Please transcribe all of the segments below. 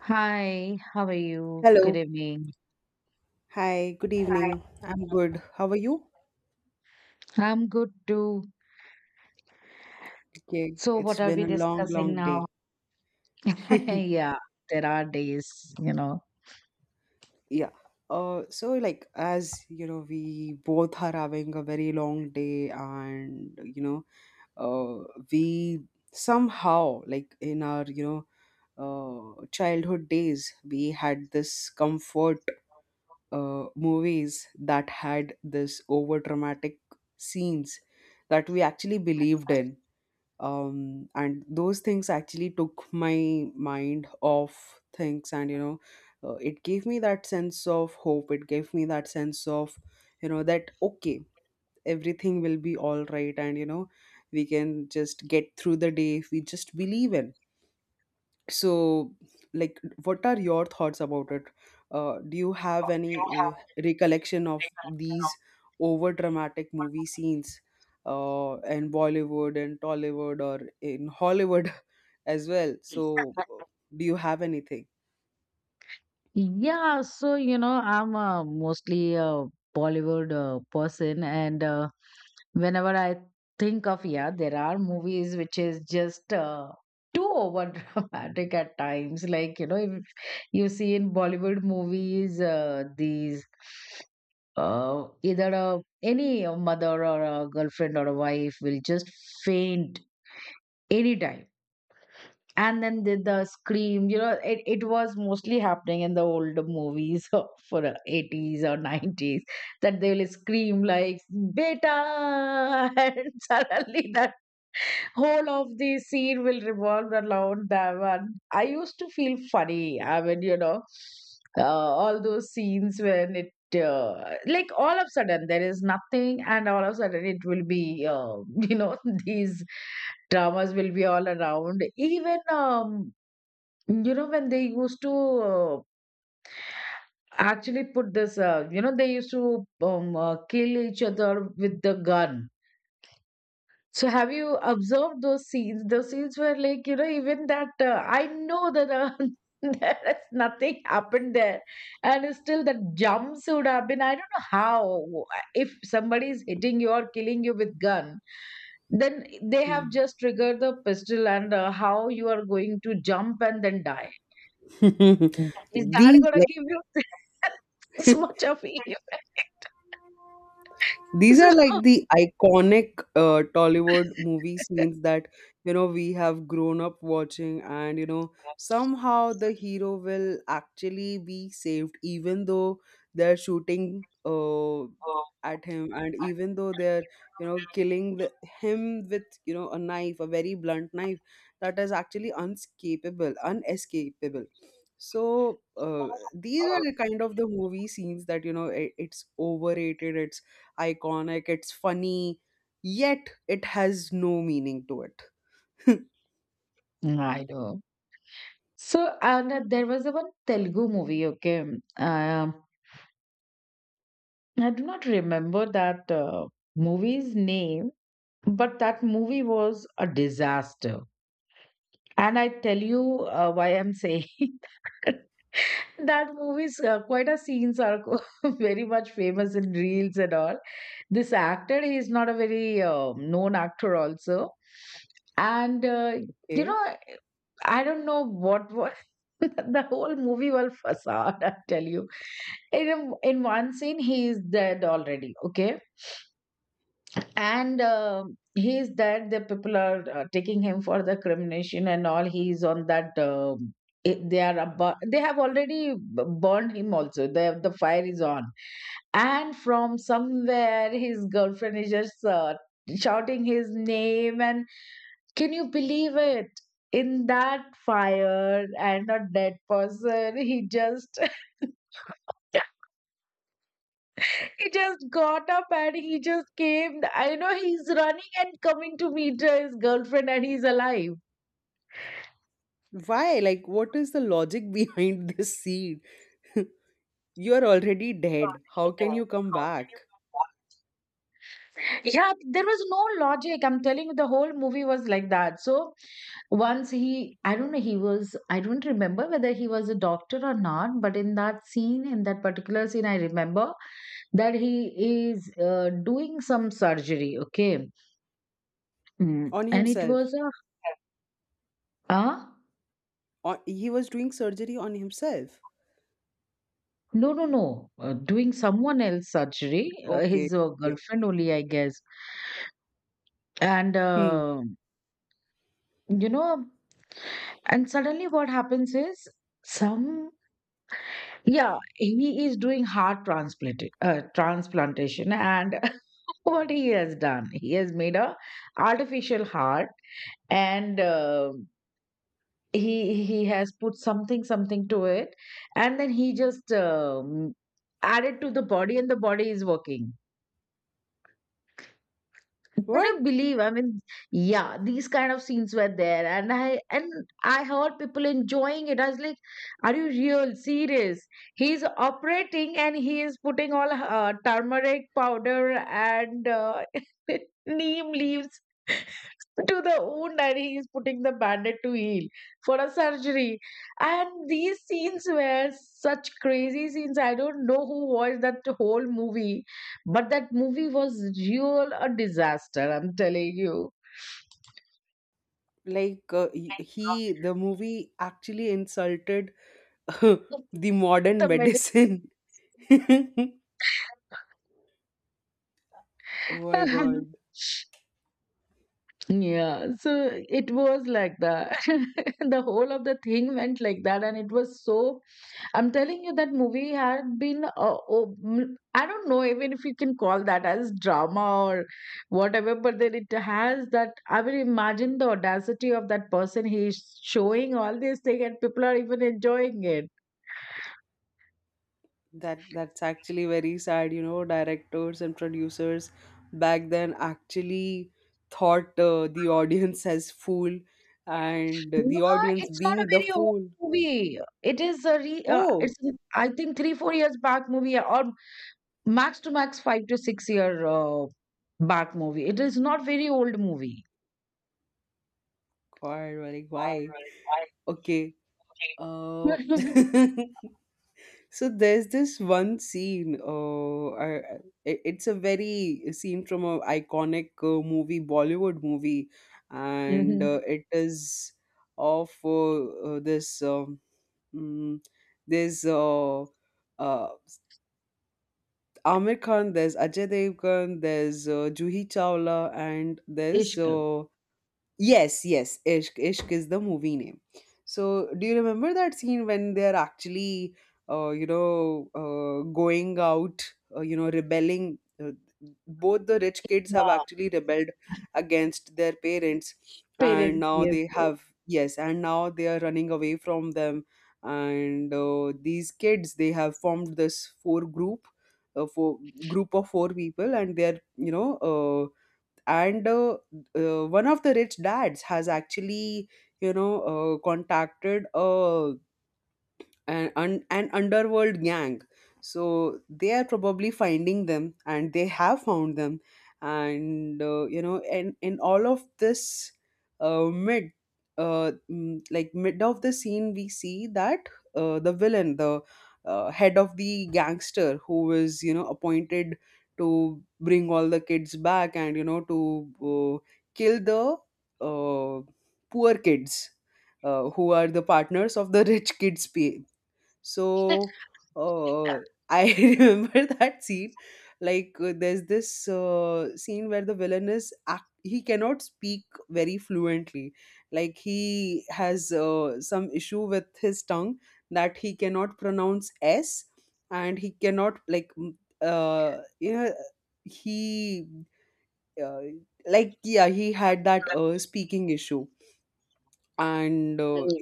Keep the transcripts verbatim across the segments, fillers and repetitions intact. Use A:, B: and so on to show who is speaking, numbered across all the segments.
A: Hi, how are you? Good
B: Hello.
A: evening.
B: Hi, good
A: Right.
B: evening. I'm good. How are you?
A: I'm good too.
B: Okay,
A: So,
B: it's
A: what are
B: been
A: we
B: a long,
A: discussing
B: long
A: now?
B: day.
A: yeah, there are days, you know.
B: Yeah. Uh, so like as you know, we both are having a very long day, and you know, uh, we somehow like in our, you know, uh, childhood days, we had this comfort uh, movies that had this over dramatic scenes that we actually believed in, um, and those things actually took my mind off things. And you know uh, it gave me that sense of hope. It gave me that sense of, you know, that okay, everything will be all right, and you know, we can just get through the day if we just believe in. So like, what are your thoughts about it? Uh, do you have
A: You
B: any uh,
A: have
B: recollection of
A: the
B: these over dramatic movie scenes uh, in bollywood and tollywood, or in hollywood as well?
A: recollection
B: So
A: of this.
B: do you have anything?
A: Yeah, so you know, I'm uh, mostly a Bollywood uh, person, and uh, whenever I think of yeah, there are movies which is just uh, too over dramatic at times. Like you know, if you see in Bollywood movies, uh, these uh, either a, any mother or a girlfriend or a wife will just faint anytime and then the, the scream you know it, it was mostly happening in the older movies for the eighties or nineties that they will scream like beta and suddenly that whole of the scene will revolve around them, and I used to feel funny. I mean, you know, uh, all those scenes when it uh, like all of a sudden there is nothing and all of a sudden it will be uh, you know these dramas will be all around. Even um, you know when they used to uh, actually put this uh, you know they used to um, uh, kill each other with the gun. So have you observed those scenes? Those scenes were like, you know, even that uh, I know that uh, there is nothing happened there, and still that jumps would have been. I don't know how. If somebody is hitting you or killing you with gun, then they have just triggered the pistol, and uh, how you are going to jump and then die? Is that
B: These
A: gonna
B: like
A: give you this much of fear?
B: these are like the iconic uh, Tollywood movie scenes that, you know, we have grown up watching. And you know, somehow the hero will actually be saved, even though they're shooting uh, at him, and even though they're, you know, killing the, him with, you know, a knife, a very blunt knife that is actually unscapable, unescapable. So
A: So
B: uh, these are the kind of the movie scenes that, you know it, it's overrated, it's iconic, it's funny, yet it has no meaning to it.
A: I know. So, and uh, there was a one Telugu movie, okay. Uh, I do not remember that uh, movie's name, but that movie was a disaster. And I tell you uh, why I'm saying that. That movie's uh, quite a scenes are very much famous in reels and all. This actor, he is not a very uh, known actor also. And uh, you
B: Okay,
A: know, I don't know what was the whole movie was facade, I tell you. In a- in one scene, he is dead already. Okay, and um he is dead. The people are uh, taking him for the cremation and all. He is on that. Um, it- they are about, they have already b- burned him also. The the fire is on and from somewhere his girlfriend is just uh, shouting his name. And can you believe it? In that fire and a dead person, he just he just got up and he just came. I know he's running and coming to meet uh, his girlfriend, and he's alive.
B: why? Like, what is the logic behind this scene? You are already dead. How can you come back?
A: Yeah, there was no logic. I'm telling you, the whole movie was like that. So once he, I don't know, he was, I don't remember whether he was a doctor or not, but in that scene, in that particular scene, I remember that he is uh, doing some surgery, okay. Mm,
B: On
A: and it
B: himself?
A: was a ah,
B: On, he was doing surgery on himself.
A: no, no, no, uh, doing someone else surgery, uh,
B: Okay.
A: his uh,
B: Okay.
A: girlfriend only, I guess. And
B: Hmm.
A: uh, you know, and suddenly what happens is some, yeah, he is doing heart transplant uh, transplantation. And what he has done, he has made a artificial heart and uh, he he has put something something to it, and then he just um, added to the body and the body is working. Couldn't
B: What?
A: believe, I mean, yeah, these kind of scenes were there. And i and i heard people enjoying it. I was like, are you real serious? He's operating and he is putting all uh, turmeric powder and uh, neem leaves to the wound, and he is putting the bandage to heal for a surgery. And these scenes were such crazy scenes. I don't know who watched that whole movie, but that movie was real a disaster, I'm telling you.
B: Like uh, he, he- the movie actually insulted the modern
A: The medical.
B: medicine. Oh my god.
A: Yeah, so it was like that. The whole of the thing went like that, and it was so. I'm telling you, that movie had been. Uh, oh, mm, I don't know even if you can call that as drama or whatever, but then it has that. I will imagine the audacity of that person. He's showing all this thing, and people are even enjoying it.
B: That that's actually very sad, you know, directors and producers back then actually thought uh, the audience as fool, and the
A: No,
B: audience
A: it's not a
B: being the
A: very old
B: fool.
A: movie. It is a re uh,
B: Oh
A: it's an- I think three, four years back movie, or max to max five to six year uh, back movie. It is not very old movie.
B: god, like why? Okay. Uh So there's this one scene. Uh, I- I- it- it's a very scene from a iconic uh, movie, Bollywood movie, and
A: Mm-hmm.
B: uh, it is of uh, uh, this um, mm, there's uh, uh, Amir Khan, there's Ajay Devgan, there's uh, Juhi Chawla, and there's
A: Ishq.
B: uh, yes, yes, Ishq. Ishq is the movie name. So, do you remember that scene when they are actually, uh, you know, uh, going out, uh, you know, rebelling? Uh, both the rich kids have
A: Yeah.
B: actually rebelled against their parents, and
A: Parents,
B: now
A: yes,
B: they
A: yes.
B: have, yes, and now they are running away from them. And uh, these kids, they have formed this four group, uh, four group of four people, and they are, you know, uh, and uh, uh, one of the rich dads has actually, you know uh, contacted a an, un, an underworld gang. So they are probably finding them, and they have found them. And uh, you know, and in all of this uh, mid, uh, mm, like mid of the scene, we see that uh, the villain, the uh, head of the gangster, who was, you know, appointed to bring all the kids back, and you know, to uh, kill the uh, poor kids uh, who are the partners of the rich kids pa- so uh, I remember that scene. Like uh, there's this uh, scene where the villain is act- he cannot speak very fluently. Like he has uh, some issue with his tongue, that he cannot pronounce s, and he cannot like m- uh, you know, he uh, like yeah, he had that uh, speaking issue, and uh,
A: Mm.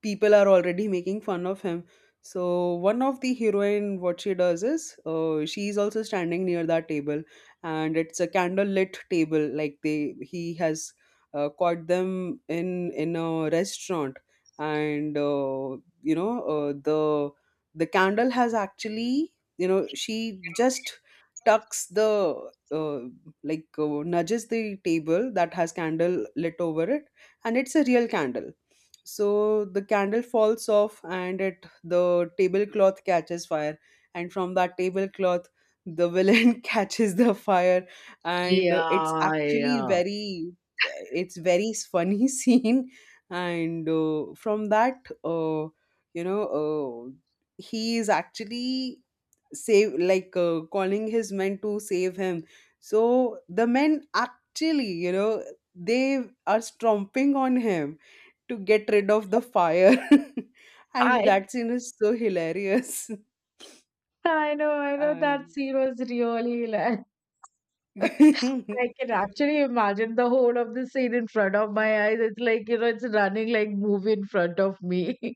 B: people are already making fun of him. So one of the heroine, what she does is, uh, she is also standing near that table, and it's a candle lit table. Like they he has uh, caught them in in a restaurant, and uh, you know, uh, the the candle has actually, you know, she just tucks the, uh, like uh, nudges the table that has candle lit over it, and it's a real candle. So the candle falls off, and it the tablecloth catches fire, and from that tablecloth the villain catches the fire, and uh, it's
A: Yeah,
B: actually
A: yeah.
B: very, it's very funny scene. And uh, from that uh, you know uh, he is actually save like uh, calling his men to save him. So the men actually, you know, they are stomping on him to get rid of the fire. And
A: I
B: that scene is so hilarious.
A: I know, I know that
B: And
A: scene was really hilarious. I can actually imagine the whole of the scene in front of my eyes. It's like, you know, it's running like movie in front of me.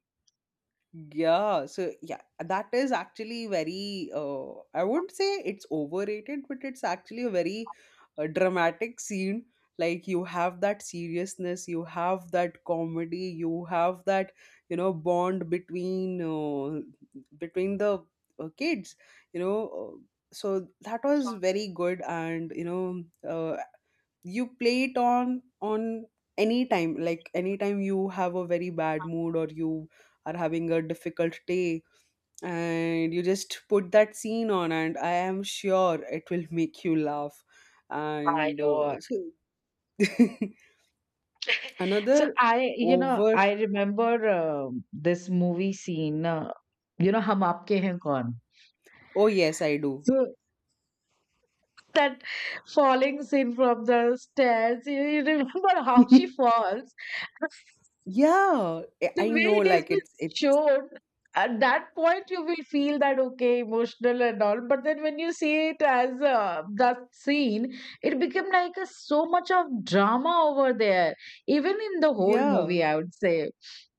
B: yeah, so yeah, that is actually very, uh, I would not say it's overrated, but it's actually a very uh, dramatic scene. Like, you have that seriousness, you have that comedy, you have that, you know, bond between uh, between the uh, kids, you know. Uh, so that was very good. And you know uh, you play it on on any time. Like anytime you have a very bad mood, or you are having a difficult day, and you just put that scene on, and I am sure it will make you laugh.
A: I
B: And
A: know.
B: uh, so
A: So
B: another
A: I, you know,
B: over.
A: I remember um this movie scene, uh, you know, Hum Aapke Hain Kaun.
B: Oh yes, I do.
A: So that falling scene from the stairs, you, you remember how she falls?
B: Yeah, i
A: The
B: I
A: way
B: know,
A: it has
B: like
A: been
B: it's it's
A: shown, at that point you will feel that okay emotional and all, but then when you see it as uh, that scene, it became like a, so much of drama over there, even in the whole
B: yeah.
A: movie, I would say.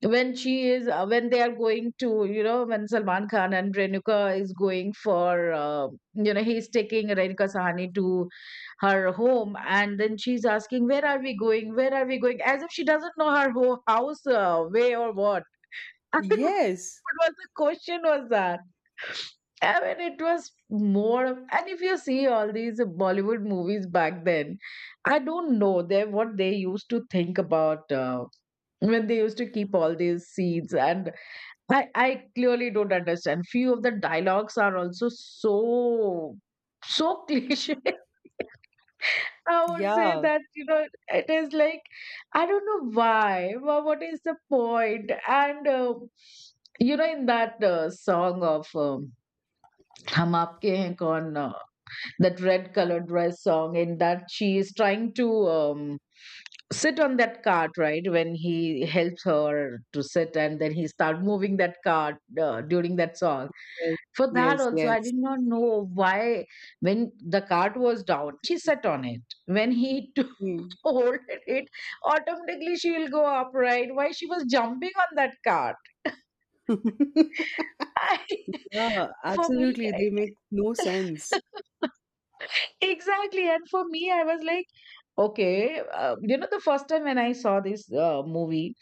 A: When she is uh, when they are going to, you know, when Salman Khan and Renuka is going for uh, you know, he's taking Renuka Sahani to her home, and then she's asking where are we going, where are we going, as if she doesn't know her whole house uh, way or what. I mean,
B: Yes.
A: what was the question was that? I mean, it was more of- and if you see all these Bollywood movies back then, I don't know they what they used to think about uh, when they used to keep all these scenes. And i i clearly don't understand few of the dialogues are also so so cliche, I would say
B: Yeah.
A: that, you know, it is like, I don't know why, but what is the point? And, uh, you know, in that uh, song of um, Hum Aapke Hain Kaun, uh, that red colored dress song, in that she is trying to um, sit on that cart, right? When he helps her to sit and then he start moving that cart uh, during that song.
B: Yes,
A: For that
B: yes.
A: also, I
B: Yes.
A: did not know why when the cart was down, she sat on it. When he took
B: Hmm.
A: hold at it, automatically she will go up, right? Why she was jumping on that cart? I,
B: Yeah,
A: for me,
B: absolutely. They make no sense.
A: I- exactly. And for me, I was like, okay, uh, you know, the first time when I saw this uh, movie,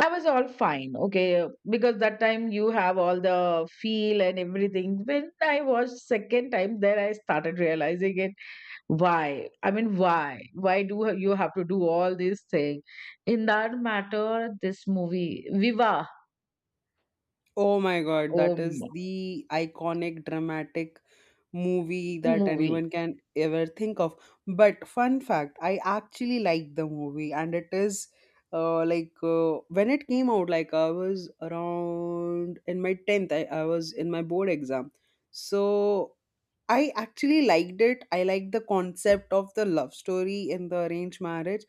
A: I was all fine, okay, because that time you have all the feel and everything. When I watched second time, then I started realizing it. Why, I mean, why why do ha- you have to do all these things? In that matter, this movie viva,
B: Oh my God, that
A: um
B: is the iconic dramatic movie that
A: movie,
B: anyone can ever think of. But fun fact, I actually like the movie. And it is, uh, like uh, when it came out, like I was around in my tenth, I, I was in my board exam. So I actually liked it. I liked the concept of the love story in the arranged marriage.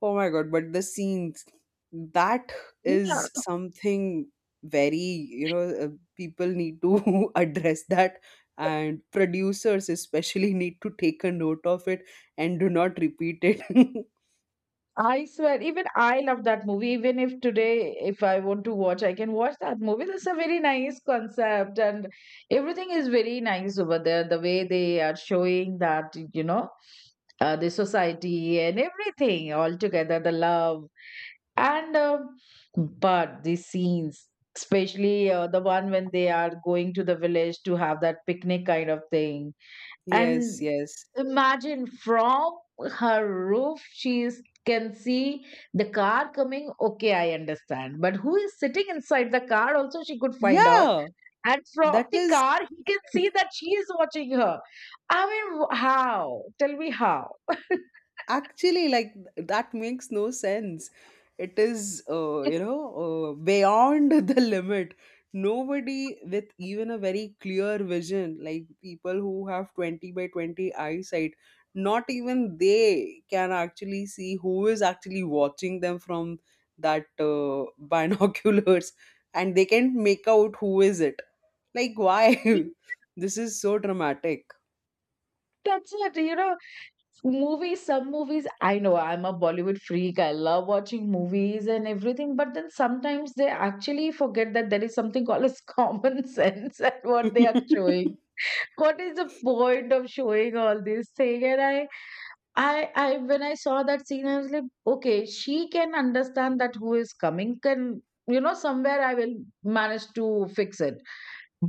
B: Oh my God, but the scenes, that
A: yeah,
B: is something very, you know, uh, people need to address that, and producers especially need to take a note of it, and do not repeat it.
A: I swear, even I love that movie. Even if today if I want to watch, I can watch that movie. That's a very nice concept, and everything is very nice over there, the way they are showing that, you know, uh, the society and everything all together, the love. And um but these scenes, especially uh, the one when they are going to the village to have that picnic kind of thing,
B: Yes,
A: and
B: yes.
A: imagine from her roof she is, can see the car coming. Okay, I understand. But who is sitting inside the car? Also, she could find out.
B: Yeah,
A: And from
B: that
A: the
B: is
A: car, he can see that she is watching her. I mean, w- how? Tell me how.
B: actually, like th- that makes no sense. It is, uh, you know, uh, beyond the limit. Nobody with even a very clear vision, like people who have twenty by twenty eyesight, not even they can actually see who is actually watching them from that uh, binoculars, and they can't make out who is it. Like, why
A: It's-
B: this is so dramatic?
A: That's it. You know, movies, some movies, I know, I'm a Bollywood freak. I love watching movies and everything, but then sometimes they actually forget that there is something called as common sense. And what they are showing, what is the point of showing all this thing? And i i i when I saw that scene, I was like, okay, she can understand that who is coming, can, you know, somewhere I will manage to fix it,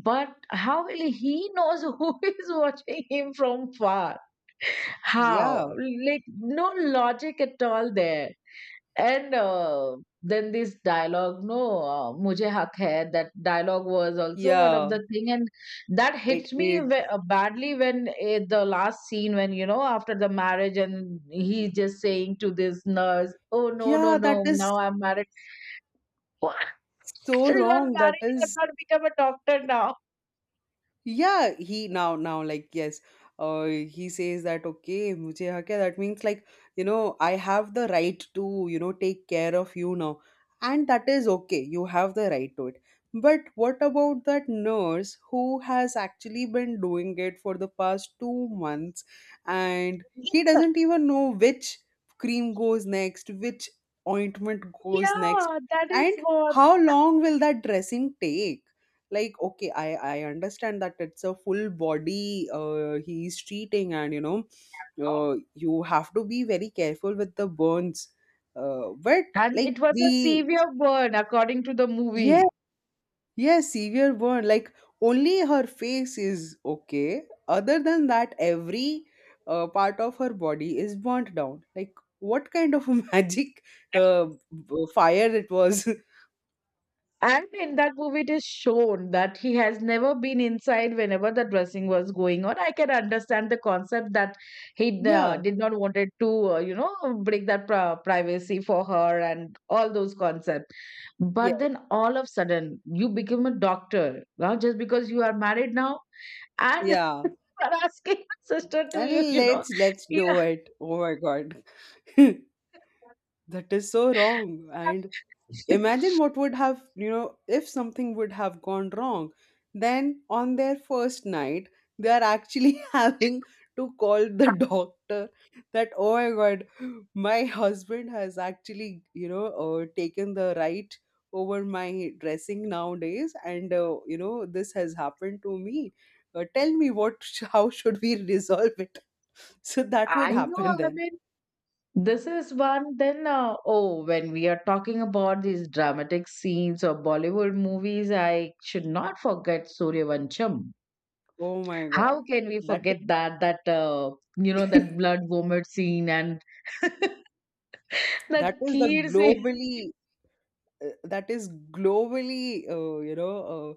A: but how will he knows who is watching him from far?
B: Yeah.
A: How? Like, no logic at all there. And uh, then this dialogue, no, uh, mujhe haq hai, that dialogue was also one of
B: Yeah.
A: the thing. And that
B: it,
A: hits me
B: it
A: ve- uh, badly when eh, the last scene, when, you know, after the marriage, and he just saying to this nurse, oh, no, no,
B: Yeah, that
A: no,
B: is
A: now I'm married. What?
B: so
A: So you are
B: wrong. That
A: married, you have
B: is,
A: not become a doctor now.
B: yeah, he now now like, yes. Uh, he says that okay, mujhe hak hai. That means like, you know, I have the right to, you know, take care of you now, and that is okay. You have the right to it. But what about that nurse who has actually been doing it for the past two months? And he doesn't even know which cream goes next, which ointment goes next,
A: Yeah, that
B: and
A: is what.
B: how long will that dressing take? Like, okay, i i understand that it's a full body, uh, he's treating, and you know, uh, you have to be very careful with the burns, uh, but
A: And
B: like
A: it was a
B: the
A: severe burn according to the
B: yeah,
A: movie.
B: yeah, severe burn. Like, only her face is okay. Other than that, every uh, part of her body is burnt down. Like, what kind of a magic uh, b- fire it was.
A: And in that movie, it is shown that he has never been inside whenever the dressing was going on. I can understand the concept that he uh,
B: Yeah,
A: did not wanted to, uh, you know, break that pri- privacy for her and all those concepts.
B: yeah,
A: But then all of sudden, you become a doctor now just because you are married now and
B: yeah.
A: you are asking your sister to you,
B: and
A: you know.
B: let's let's
A: Yeah,
B: do it, oh my god. That is so wrong. And imagine what would have, you know, if something would have gone wrong, then on their first night, they are actually having to call the doctor. That, oh my god, my husband has actually, you know, uh, taken the right over my dressing nowadays, and uh, you know, this has happened to me. Uh, tell me what sh- how should we resolve it? So that would
A: I know.
B: happen
A: I
B: then.
A: mean, this is one. Then, uh, oh, when we are talking about these dramatic scenes or Bollywood movies, I should not forget Suryavancham.
B: Oh my
A: How
B: god,
A: can we
B: that is.
A: forget that? That uh, you know that blood vomit scene and
B: That
A: that
B: is the
A: kheer scene.
B: globally, uh, that is globally, uh, you know, uh,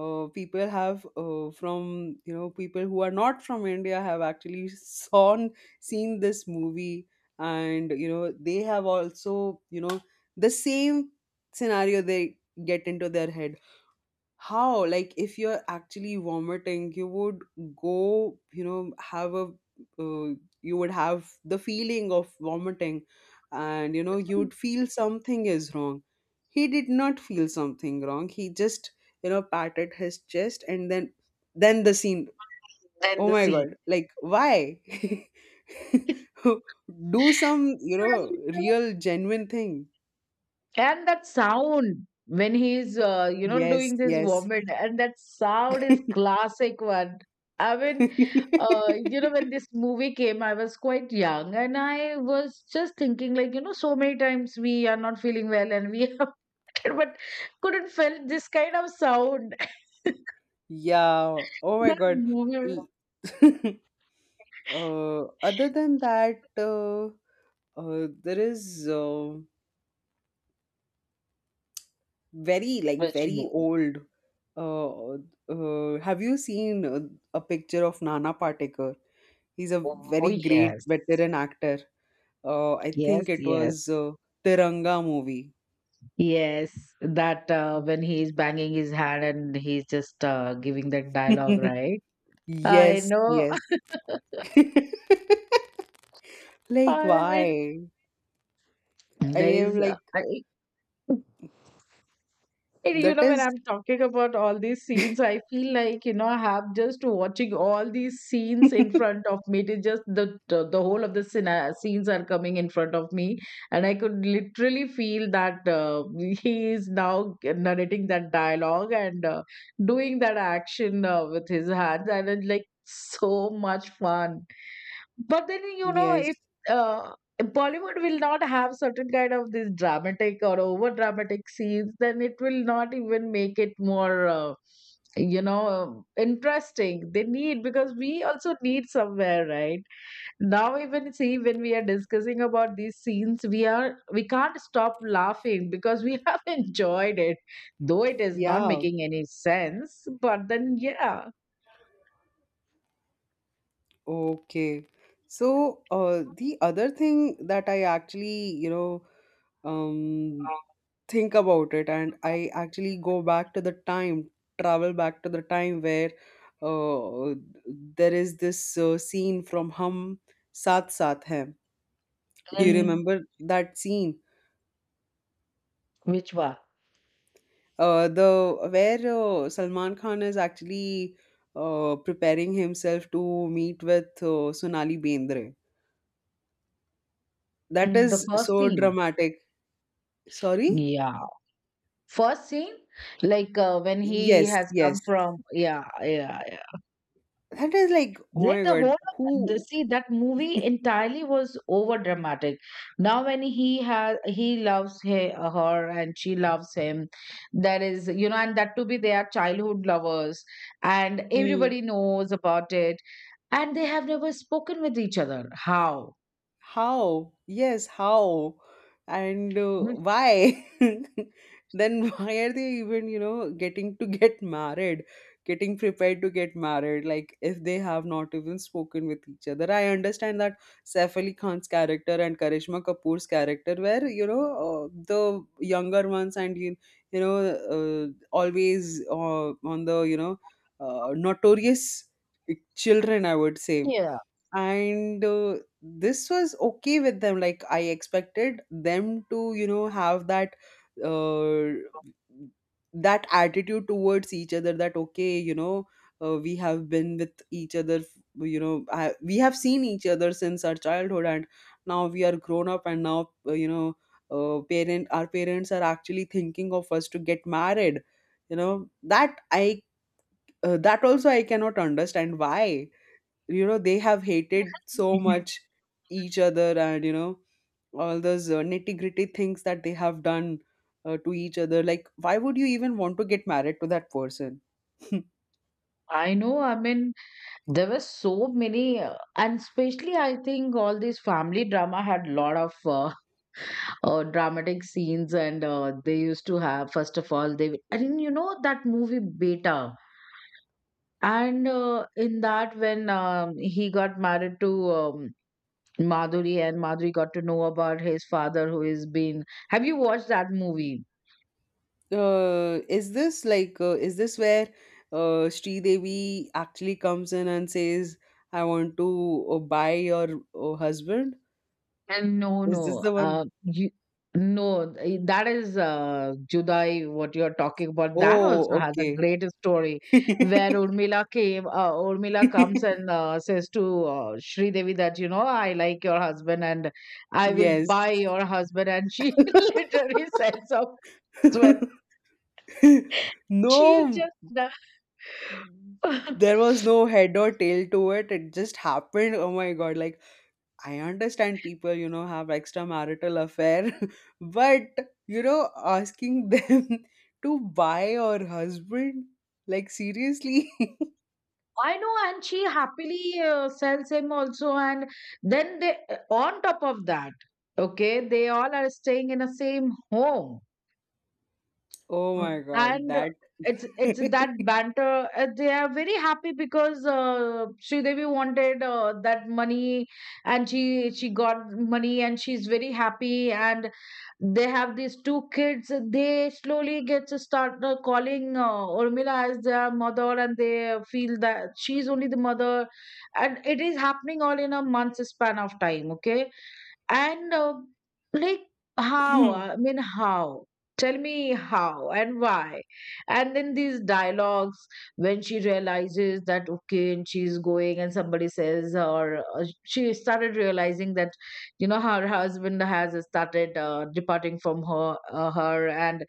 B: uh, people have, uh, from, you know, people who are not from India, have actually sawn seen this movie, and you know, they have also, you know, the same scenario, they get into their head. How? Like, if you're actually vomiting, you would go, you know, have a, uh, you would have the feeling of vomiting, and you know, you'd feel something is wrong. He did not feel something wrong. He just, you know, patted his chest and then then the scene.
A: Then
B: Oh
A: the
B: my
A: scene.
B: god, like, why do some, you know, real genuine thing?
A: And that sound when he's, uh, you know,
B: Yes,
A: doing this
B: yes.
A: vomit, and that sound is classic one. I mean, uh, you know, when this movie came, I was quite young, and I was just thinking, like, you know, so many times we are not feeling well, and we have, but couldn't feel this kind of sound.
B: Yeah. Oh my
A: That
B: God.
A: movie,
B: L- uh, other than that, uh, uh, there is, uh, very like,
A: which
B: very
A: movie?
B: old. Uh, uh, have you seen, uh, a picture of Nana Patekar? He's a
A: Oh
B: very great
A: yes,
B: veteran actor. Uh, I
A: yes,
B: think it
A: yes.
B: was, uh, Tiranga movie.
A: Yes, that uh, when he is banging his hand and he's just uh, giving that dialogue, right? I
B: Yes,
A: know.
B: yes. Like,
A: I mean,
B: why? I
A: there
B: am
A: is, uh,
B: like,
A: I, you
B: that
A: know, when
B: is.
A: I'm talking about all these scenes, I feel like, you know, I have just watching all these scenes in front of me. It is just the, the, the whole of the scena- scenes are coming in front of me. And I could literally feel that uh, he is now narrating that dialogue and uh, doing that action uh, with his hands. And it's like so much fun. But then, you know,
B: Yes.
A: if uh, Bollywood will not have certain kind of this dramatic or over dramatic scenes, then it will not even make it more, uh, you know, interesting. They need, because we also need somewhere, right? Now, even see, when we are discussing about these scenes, we are, we can't stop laughing because we have enjoyed it, though it is not
B: Yeah,
A: making any sense. But then, yeah,
B: okay. So, uh, the other thing that I actually, you know, um, think about it, and I actually go back to the time, travel back to the time where, uh, there is this, uh, scene from Hum Saath Saath Hai. Do you
A: mhm.
B: remember that scene?
A: Which one?
B: Uh, the where uh, Salman Khan is actually uh, preparing himself to meet with uh, Sonali Bendre. That
A: Mm, the
B: is
A: first
B: so
A: scene.
B: dramatic. Sorry?
A: Yeah. First scene, like uh, when he
B: Yes,
A: has
B: yes.
A: come from, yeah, yeah, yeah.
B: That is like, oh
A: That
B: my
A: the whole
B: God,
A: of the,
B: who?
A: see that movie entirely was over dramatic. Now when he has he loves he, her and she loves him, that is you know, and that to be their childhood lovers, and
B: Hmm.
A: everybody knows about it, and they have never spoken with each other. How?
B: How, yes, how, and uh,
A: I mean,
B: why then why are they even, you know getting to get married, getting prepared to get married, like if they have not even spoken with each other? I understand that Saif Ali Khan's character and Karishma Kapoor's character were, you know uh, the younger ones and you, you know uh, always, uh, on the you know uh, notorious children, I would say.
A: yeah,
B: And uh, this was okay with them, like I expected them to, you know have that uh, that attitude towards each other that, okay, you know uh, we have been with each other f- you know I, we have seen each other since our childhood, and now we are grown up, and now, uh, you know uh, parent our parents are actually thinking of us to get married. you know that i uh, that also I cannot understand, why, you know they have hated so much each other, and, you know all those uh, nitty gritty things that they have done uh, to each other, like why would you even want to get married to that person? uh,
A: I know. I mean, there were so many, uh, and especially I think all these family drama had a lot of uh, uh, dramatic scenes, and uh, they used to have first of all they and you know that movie Beta, and uh, in that when um, he got married to um, Madhuri, and Madhuri got to know about his father who is been. Have you watched that movie?
B: is this like uh, is this where uh, Sri Devi actually comes in and says, I want to uh, buy your uh, husband?
A: And No,
B: Is this
A: no,
B: the one?
A: uh, you, no, eh, that is uh, Judai, what you're talking about. That
B: Oh,
A: also has a
B: okay.
A: great story where Urmila came, uh, Urmila comes and uh, says to uh, Sri Devi that, you know, I like your husband and I will
B: Yes.
A: buy your husband. And she literally sells off husband. She is
B: No,
A: just the
B: there was no head or tail to it, it just happened. Oh my God, like, I understand people, you know have extramarital affair, but, you know asking them to buy or husband, like, seriously.
A: I know, and she happily uh, sells him also. And then they, uh, on top of that, okay, they all are staying in the same home,
B: Oh my
A: mm,
B: God,
A: and
B: that.
A: it's it's that banter. Uh, they are very happy because uh, Sridevi wanted uh, that money, and she she got money, and she's very happy. And they have these two kids, they slowly get to start uh, calling uh, Urmila as their mother and they feel that she's only the mother, and it is happening all in a month's span of time, okay, and uh, like, how? uh, I mean, how? Tell me how and why. And then these dialogues, when she realizes that okay, and she's going, and somebody says, or uh, she started realizing that you know her husband has started uh, departing from her, uh, her, and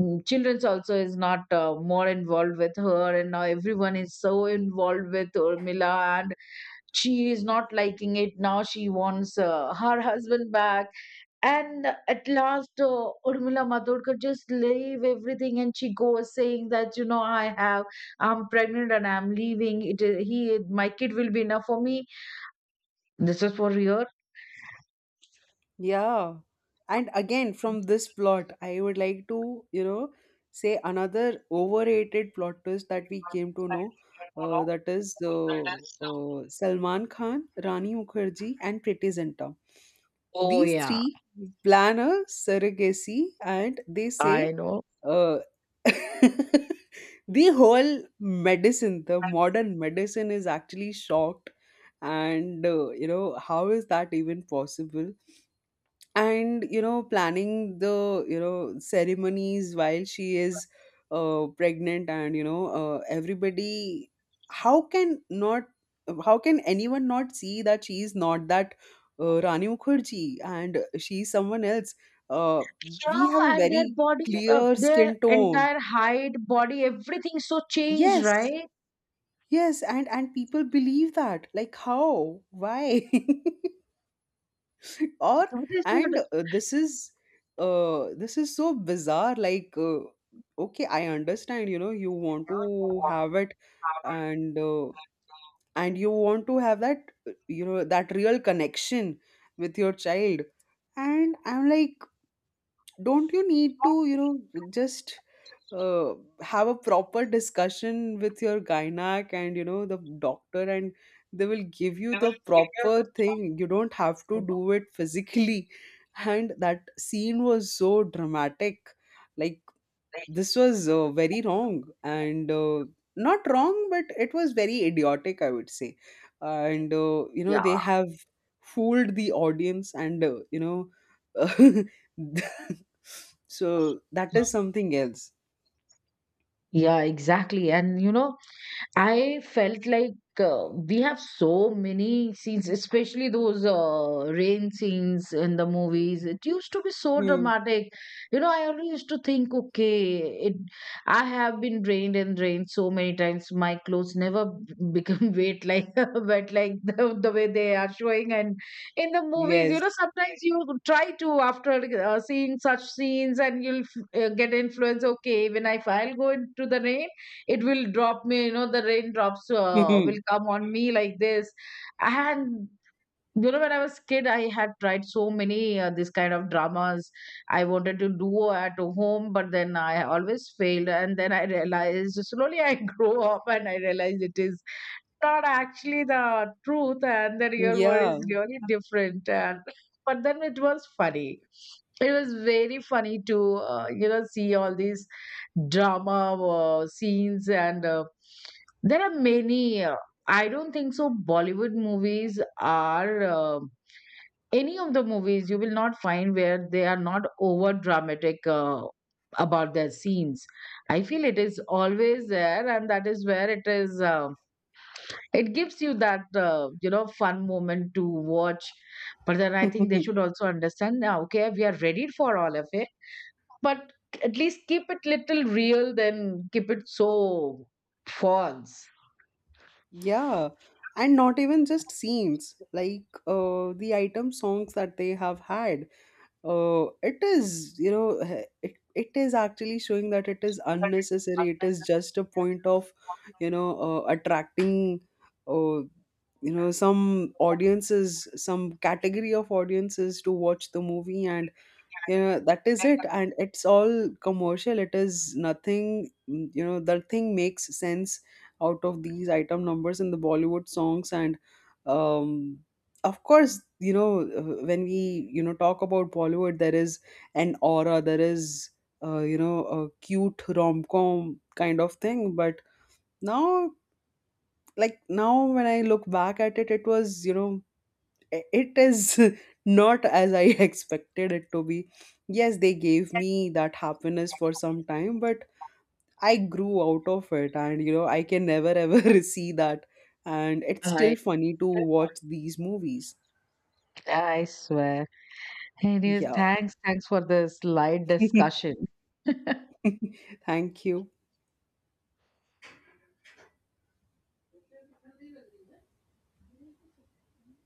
A: mm, children's also is not uh, more involved with her, and now everyone is so involved with Urmila, and she is not liking it, now she wants uh, her husband back, and at last uh, Urmila Matodkar just leave everything and she goes saying that you know i have I'm pregnant and I'm leaving, it is he, my kid will be enough for me. This is for real.
B: Yeah. And again, from this plot, I would like to, you know, say another overrated plot twist that we came to know. Uh, that is uh, uh, Salman Khan, Rani Mukherjee, and Priti Zinta.
A: Oh
B: These
A: yeah,
B: three plan a surrogacy, and they say,
A: I know.
B: uh, the whole medicine, the modern medicine is actually shocked. And, uh, you know, how is that even possible? And, you know planning the, you know ceremonies while she is uh, pregnant, and, you know uh, everybody how can not, how can anyone not see that she is not that uh, Rani Mukherjee, and she is someone else. uh, we
A: Yeah,
B: have a
A: and their
B: very
A: body, uh,
B: clear
A: their
B: skin tone.
A: entire height, body, everything so changed,
B: Yes,
A: right?
B: yes, and and people believe that, like, how, why? Or,
A: That is
B: and uh, this is uh this is so bizarre, like, uh, okay, I understand, you know you want to
A: what.
B: have it, and uh, and you want to have that uh, you know that real connection with your child, and I'm like, don't you need to, you know just uh, have a proper discussion with your gynac and, you know the doctor, and they will give you the proper thing. You don't have to do it physically. And that scene was so dramatic, like, this was uh, very wrong and uh, not wrong, but it was very idiotic, I would say. And uh, you know,
A: Yeah,
B: they have fooled the audience, and, uh, you know so that is something else.
A: yeah, exactly. And you know, I felt like uh, we have so many scenes, especially those uh, rain scenes in the movies. It used to be so
B: Hmm.
A: dramatic. You know, I always used to think, okay, it, I have been drained and rained so many times. My clothes never b- become wet like wet like the, the way they are showing. And in the movies, you know,
B: Yes.
A: sometimes you try to after uh, seeing such scenes, and you'll f- uh, get influence. Okay, when I I'll go into the rain, it will drop me, you know, the raindrops uh, will come on me like this. And you know when I was kid, I had tried so many uh, this kind of dramas I wanted to do at home, but then I always failed, and then I realized slowly I grow up and I realized it is not actually the truth and the real world is
B: Yeah.
A: really different. And but then it was funny, it was very funny to uh, you know see all these drama uh, scenes. And uh, there are many uh, I don't think so Bollywood movies are uh, any of the movies you will not find where they are not over dramatic uh, about their scenes. I feel it is always there, and that is where it is, um, it gives you that uh, you know fun moment to watch. But then I think they should also understand now, okay, we are ready for all of it, but at least keep it little real than keep it so false.
B: Yeah. And not even just scenes, like, uh, the item songs that they have had. Uh, it is, you know, h- it, it is actually showing that it is unnecessary. It is just a point of, you know, uh, attracting, uh, you know, some audiences, some category of audiences, to watch the movie, and, you know that is it, and it's all commercial. It is nothing. Mm, you know, that thing makes sense out of these item numbers in the Bollywood songs. And, um, of course, you know, uh, when we, you know talk about Bollywood, there is an aura, there is uh, you know, a cute rom-com kind of thing. But now, like, now when I look back at it, it was, you know, it is not as I expected it to be. Yes, they gave me that happiness for some time, but I grew out of it, and, you know, I can never ever see that. And it's
A: i
B: still funny to watch these movies.
A: i swear. Anyways,
B: Yeah.
A: thanks thanks for this light discussion.
B: Thank you.